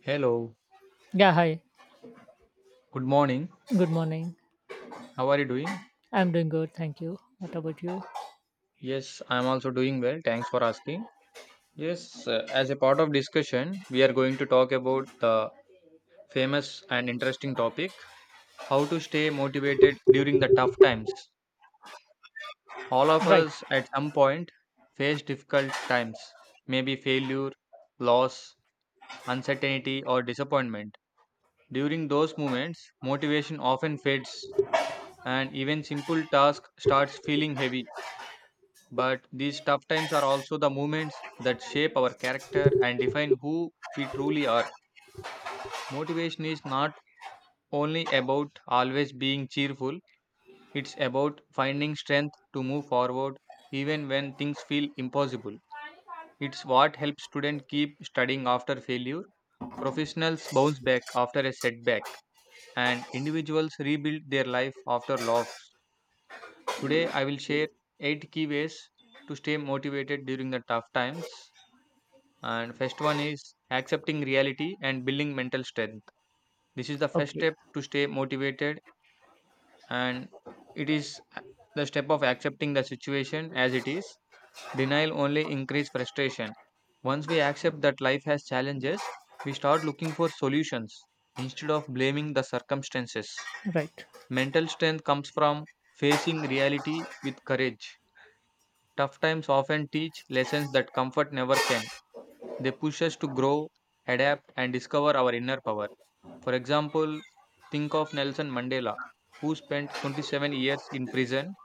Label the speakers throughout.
Speaker 1: Hello,
Speaker 2: Yeah, hi.
Speaker 1: good morning.
Speaker 2: Good morning.
Speaker 1: How are you doing?
Speaker 2: I'm doing good, thank you. What about you?
Speaker 1: Yes, I'm also doing well. Thanks for asking. Yes, as a part of discussion, we are going to talk about the famous and interesting topic how to stay motivated during the tough times. All of
Speaker 2: Right.
Speaker 1: us at some point face difficult times, maybe failure, loss, uncertainty, or disappointment. During those moments, motivation often fades and even simple tasks starts feeling heavy. But these tough times are also the moments that shape our character and define who we truly are. Motivation is not only about always being cheerful, it's about finding strength to move forward even when things feel impossible. It's what helps students keep studying after failure, professionals bounce back after a setback, and individuals rebuild their life after loss. Today, I will share 8 key ways to stay motivated during the tough times. And first one is accepting reality and building mental strength. This is the first
Speaker 2: Okay.
Speaker 1: step to stay motivated, and it is a- the step of accepting the situation as it is. Denial only increases frustration. Once we accept that life has challenges, we start looking for solutions instead of blaming the circumstances.
Speaker 2: Right.
Speaker 1: Mental strength comes from facing reality with courage. Tough times often teach lessons that comfort never can. They push us to grow, adapt, and discover our inner power. For example, think of Nelson Mandela, who spent 27 years in prison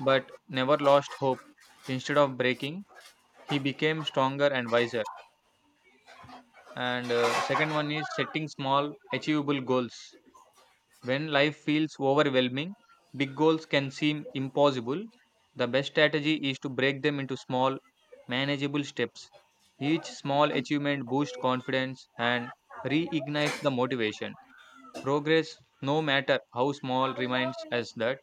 Speaker 1: but never lost hope. Instead of breaking, he became stronger and wiser. And second one is setting small, achievable goals. When life feels overwhelming, big goals can seem impossible. The best strategy is to break them into small, manageable steps. Each small achievement boosts confidence and reignites the motivation. Progress, no matter how small, reminds us that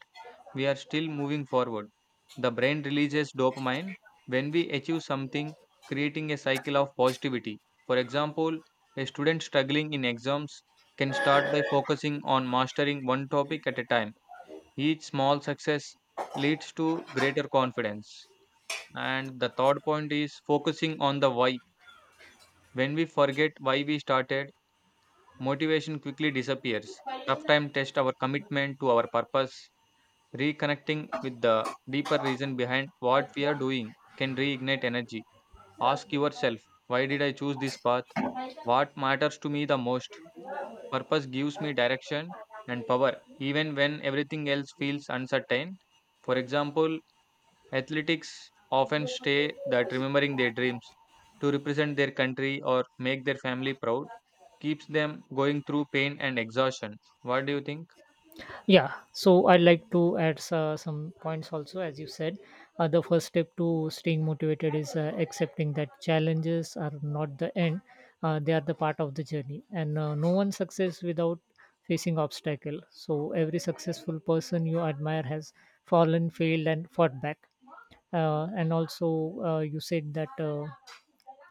Speaker 1: we are still moving forward. The brain releases dopamine when we achieve something, creating a cycle of positivity. For example, a student struggling in exams can start by focusing on mastering one topic at a time. Each small success leads to greater confidence. And the third point is focusing on the why. When we forget why we started, motivation quickly disappears. Tough time test our commitment to our purpose. Reconnecting with the deeper reason behind what we are doing can reignite energy. Ask yourself, why did I choose this path? What matters to me the most? Purpose gives me direction and power, even when everything else feels uncertain. For example, athletics often say that remembering their dreams to represent their country or make their family proud keeps them going through pain and exhaustion. What do you think?
Speaker 2: Yeah. So I'd like to add some points also, as you said. The first step to staying motivated is accepting that challenges are not the end; they are the part of the journey, and no one success without facing obstacle. So every successful person you admire has fallen, failed, and fought back. And also, you said that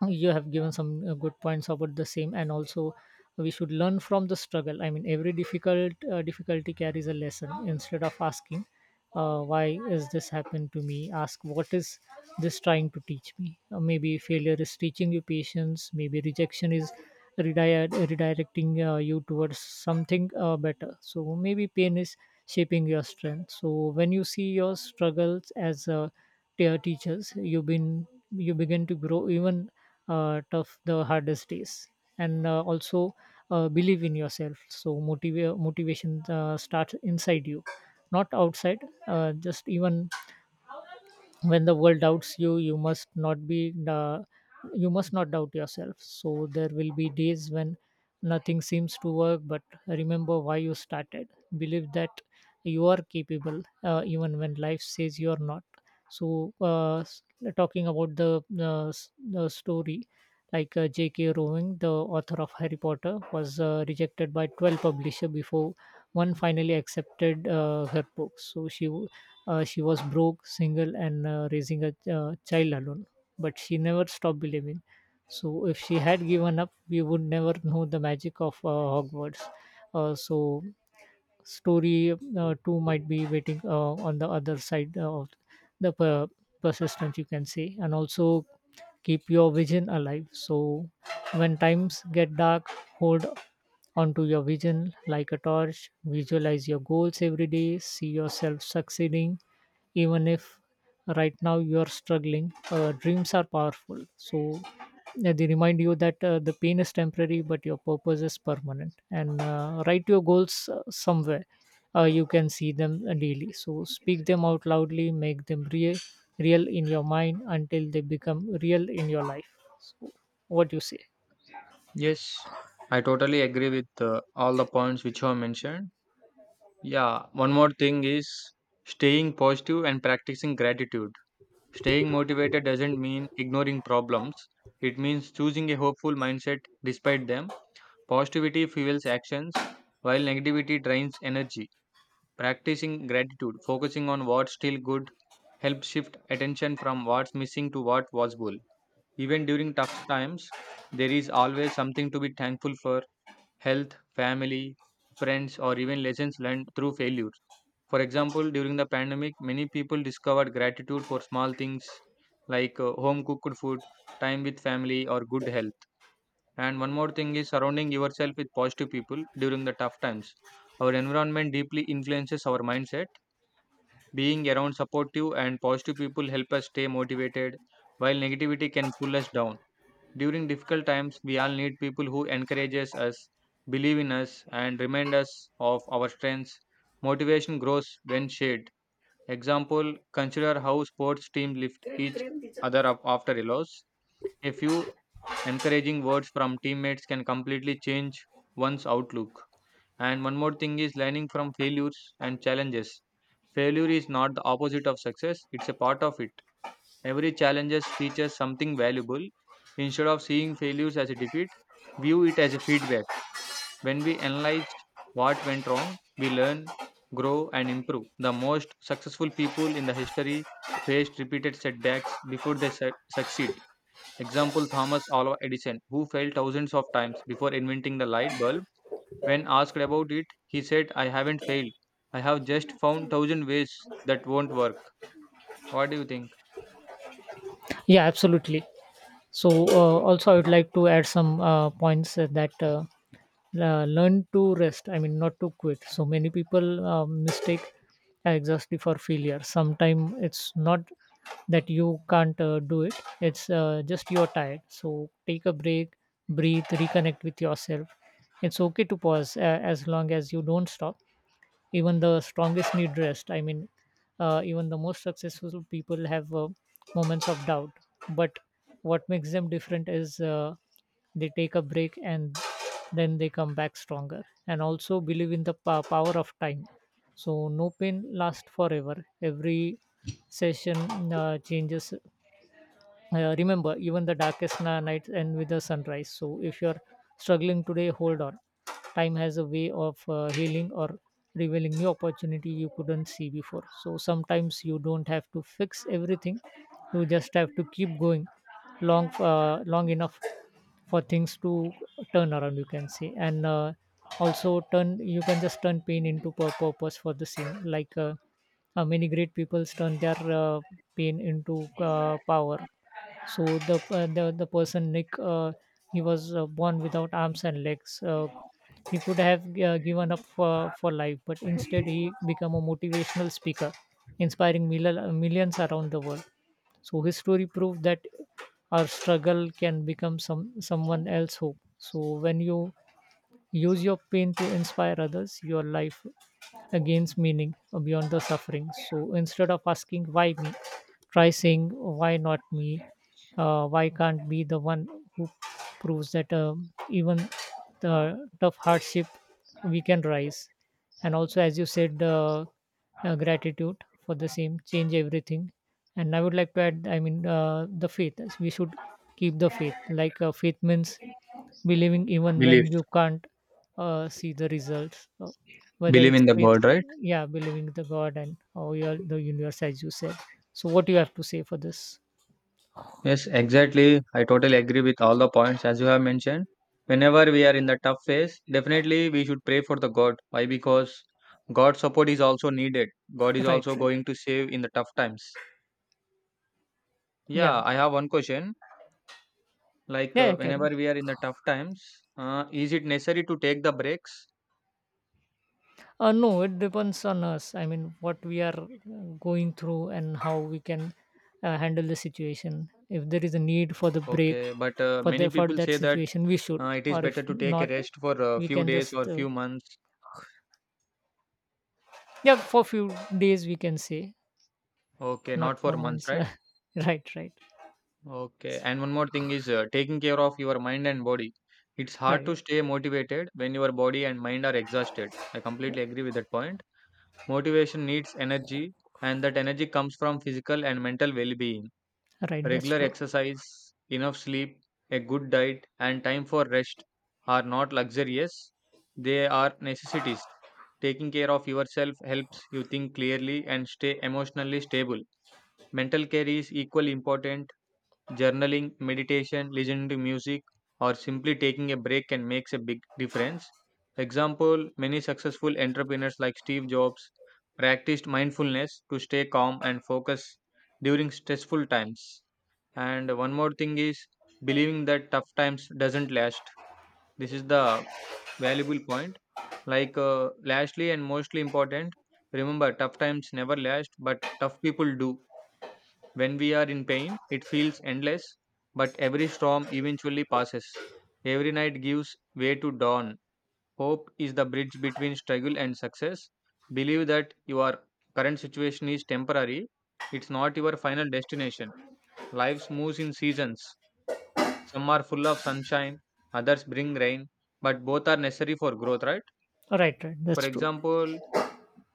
Speaker 2: you have given some good points about the same, and also we should learn from the struggle. I mean, every difficulty carries a lesson. Instead of asking why is this happened to me, ask what is this trying to teach me. Maybe failure is teaching you patience, maybe rejection is redirecting you towards something better, so maybe pain is shaping your strength. So when you see your struggles as teachers, you begin to grow even tough the hardest days. And also, believe in yourself. So motivation starts inside you, not outside. Just even when the world doubts you, you must not be you must not doubt yourself. So there will be days when nothing seems to work, but remember why you started. Believe that you are capable, even when life says you are not. So talking about the story, like JK Rowling, the author of Harry Potter, was rejected by 12 publisher before one finally accepted her book. So she was broke, single, and raising a child alone. But she never stopped believing. So if she had given up, we would never know the magic of Hogwarts. So story too might be waiting on the other side of the persistence, you can say. And also keep your vision alive. So when times get dark, hold onto your vision like a torch. Visualize your goals every day, see yourself succeeding even if right now you are struggling. Dreams are powerful. So yeah, they remind you that the pain is temporary, but your purpose is permanent. And write your goals somewhere you can see them daily. So speak them out loudly, make them real, real in your mind until they become real in your life. So, what do you say?
Speaker 1: Yes, I totally agree with all the points which you have mentioned. Yeah, one more thing is staying positive and practicing gratitude. Staying motivated doesn't mean ignoring problems, it means choosing a hopeful mindset despite them. Positivity fuels actions, while negativity drains energy. Practicing gratitude, focusing on what's still good, helps shift attention from what's missing to what was possible. Even during tough times, there is always something to be thankful for health, family, friends, or even lessons learned through failures. For example, during the pandemic, many people discovered gratitude for small things like home cooked food, time with family, or good health. And one more thing is surrounding yourself with positive people during the tough times. Our environment deeply influences our mindset. Being around supportive and positive people help us stay motivated, while negativity can pull us down. During difficult times, we all need people who encourages us, believe in us, and remind us of our strengths. Motivation grows when shared. Example: consider how sports teams lift each other up after a loss. A few encouraging words from teammates can completely change one's outlook. And one more thing is learning from failures and challenges. Failure is not the opposite of success; it's a part of it. Every challenges teaches something valuable. Instead of seeing failures as a defeat, view it as a feedback. When we analyze what went wrong, we learn, grow, and improve. The most successful people in the history faced repeated setbacks before they succeed. Example: Thomas Alva Edison, who failed thousands of times before inventing the light bulb. When asked about it, he said, I haven't failed. I have just found thousand ways that won't work. What do you think?
Speaker 2: Yeah, absolutely. So also I would like to add some points that learn to rest, I mean not to quit. So many people mistake exhaustion for failure. Sometimes it's not that you can't do it, it's just you're tired. So take a break, breathe, reconnect with yourself. It's okay to pause as long as you don't stop. Even the strongest need rest. I mean, even the most successful people have moments of doubt. But what makes them different is they take a break, and then they come back stronger. And also believe in the power of time. So no pain lasts forever, every session changes. Remember, even the darkest nights end with the sunrise. So if you're struggling today, hold on. Time has a way of healing or revealing new opportunity you couldn't see before. So sometimes you don't have to fix everything, you just have to keep going long enough for things to turn around, you can say. And also, turn you can just turn pain into purpose, for the same. Like many great people turn their pain into power. So the person Nick, he was born without arms and legs. He could have given up for life, but instead he became a motivational speaker, inspiring millions around the world. So his story proved that our struggle can become someone else's hope. So when you use your pain to inspire others. Your life gains meaning beyond the suffering. So instead of asking why me, try saying why not me? Why can't be the one who proves that even the tough hardship we can rise. And also, as you said, gratitude for the same, change everything. And I would like to add, I mean, the faith. We should keep the faith. Like faith means believing even when
Speaker 1: Believe.
Speaker 2: you can't see the results. Whether
Speaker 1: Believe
Speaker 2: it's
Speaker 1: in the
Speaker 2: faith,
Speaker 1: God, right?
Speaker 2: yeah, believing the god, and or the universe, as you said. So what do you have to say for this?
Speaker 1: Yes, exactly. I totally agree with all the points as you have mentioned. Whenever we are in the tough phase, definitely we should pray for the God. Why? Because God's support is also needed. God is
Speaker 2: Right,
Speaker 1: also
Speaker 2: right.
Speaker 1: going to save in the tough times.
Speaker 2: Yeah.
Speaker 1: Yeah, I have one question. Like
Speaker 2: Yeah, yeah, carry
Speaker 1: whenever
Speaker 2: on.
Speaker 1: we are in the tough times, is it necessary to take the breaks?
Speaker 2: No, it depends on us. I mean, what we are going through and how we can handle the situation. If there is a need for the break,
Speaker 1: Okay, but many
Speaker 2: for
Speaker 1: people
Speaker 2: that
Speaker 1: say that
Speaker 2: situation we should.
Speaker 1: it is
Speaker 2: Or
Speaker 1: better
Speaker 2: if
Speaker 1: to take a
Speaker 2: not,
Speaker 1: rest for a
Speaker 2: we
Speaker 1: few
Speaker 2: can
Speaker 1: days
Speaker 2: just
Speaker 1: or few months.
Speaker 2: yeah, for few days we can say.
Speaker 1: Okay,
Speaker 2: Not
Speaker 1: not
Speaker 2: for
Speaker 1: for months,
Speaker 2: months.
Speaker 1: right?
Speaker 2: Right, right,
Speaker 1: Okay. And one more thing is taking care of your mind and body. It's hard
Speaker 2: right,
Speaker 1: to stay motivated when your body and mind are exhausted. I completely agree with that point. Motivation needs energy, and that energy comes from physical and mental well being.
Speaker 2: right. That's
Speaker 1: Regular
Speaker 2: true.
Speaker 1: exercise, enough sleep, a good diet, and time for rest are not luxurious, they are necessities. Taking care of yourself helps you think clearly and stay emotionally stable. Mental care is equally important. Journaling, meditation, listening to music, or simply taking a break can make a big difference. Example, many successful entrepreneurs like Steve Jobs practiced mindfulness to stay calm and focus during stressful times. And one more thing is believing that tough times doesn't last. This is the valuable point. Like lastly and mostly important, remember tough times never last, but tough people do. When we are in pain, it feels endless, but every storm eventually passes. Every night gives way to dawn. Hope is the bridge between struggle and success. Believe that your current situation is temporary, it's not your final destination. Life moves in seasons. Some are full of sunshine, others bring rain, but both are necessary for growth, right?
Speaker 2: Right, right.
Speaker 1: For
Speaker 2: That's true.
Speaker 1: example,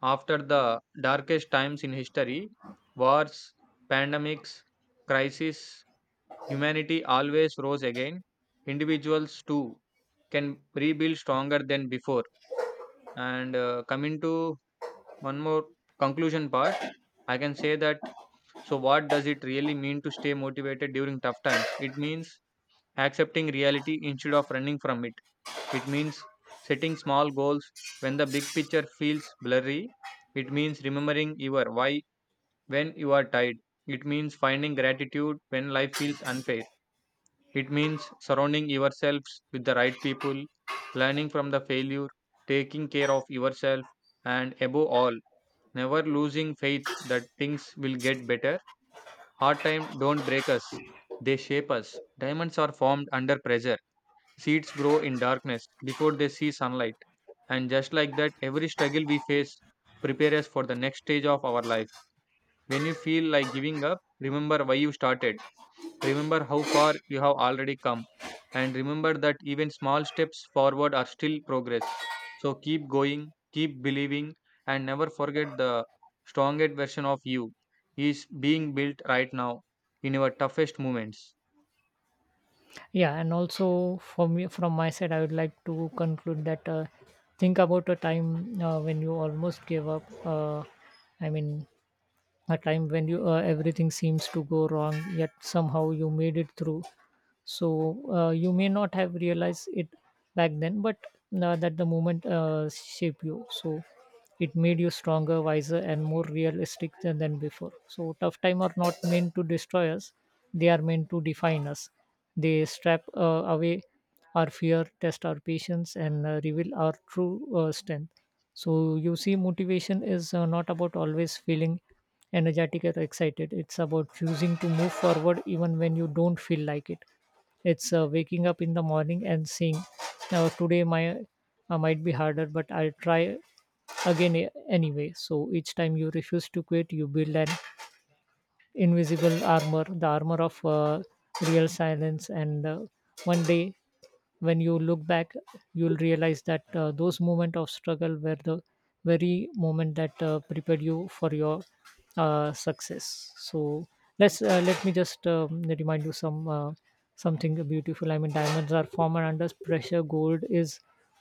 Speaker 1: after the darkest times in history, wars, pandemics, crises, humanity always rose again. Individuals too can rebuild stronger than before. And coming to one more conclusion part, I can say that so, what does it really mean to stay motivated during tough times? It means accepting reality instead of running from it. It means setting small goals when the big picture feels blurry. It means remembering your why when you are tired. It means finding gratitude when life feels unfair. It means surrounding yourselves with the right people, learning from the failure, taking care of yourself, and above all, never losing faith that things will get better. Hard times don't break us, they shape us. Diamonds are formed under pressure. Seeds grow in darkness before they see sunlight. And just like that, every struggle we face prepares us for the next stage of our life. When you feel like giving up, remember why you started. Remember how far you have already come, and remember that even small steps forward are still progress. So keep going, keep believing, and never forget the strongest version of you is being built right now in your toughest moments.
Speaker 2: Yeah, and also for me, from my side, I would like to conclude that think about a time when you almost gave up. I mean, a time when you everything seems to go wrong, yet somehow you made it through. So you may not have realized it back then, but that the moment shaped you. So it made you stronger, wiser, and more realistic than before. So tough time are not meant to destroy us, they are meant to define us. They strip away our fear, test our patience, and reveal our true strength. So you see, motivation is not about always feeling energetic or excited. It's about choosing to move forward even when you don't feel like it. It's waking up in the morning and saying, "Today my might be harder, but I'll try again anyway." So each time you refuse to quit, you build an invisible armor, the armor of real silence. And one day when you look back, you'll realize that those moments of struggle were the very moment that prepared you for your success. So let me just remind you something beautiful. I mean, diamonds are formed under pressure, gold is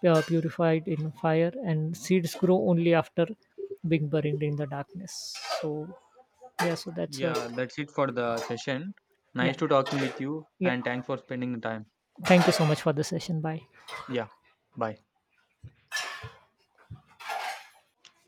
Speaker 2: purified in fire, and seeds grow only after being buried in the darkness. So yeah, so that's what.
Speaker 1: Yeah, that's it for the session.
Speaker 2: Yeah.
Speaker 1: Nice to talking with you,
Speaker 2: Yeah,
Speaker 1: and thanks for spending the time.
Speaker 2: thank you so much for the session. Bye.
Speaker 1: Yeah, bye.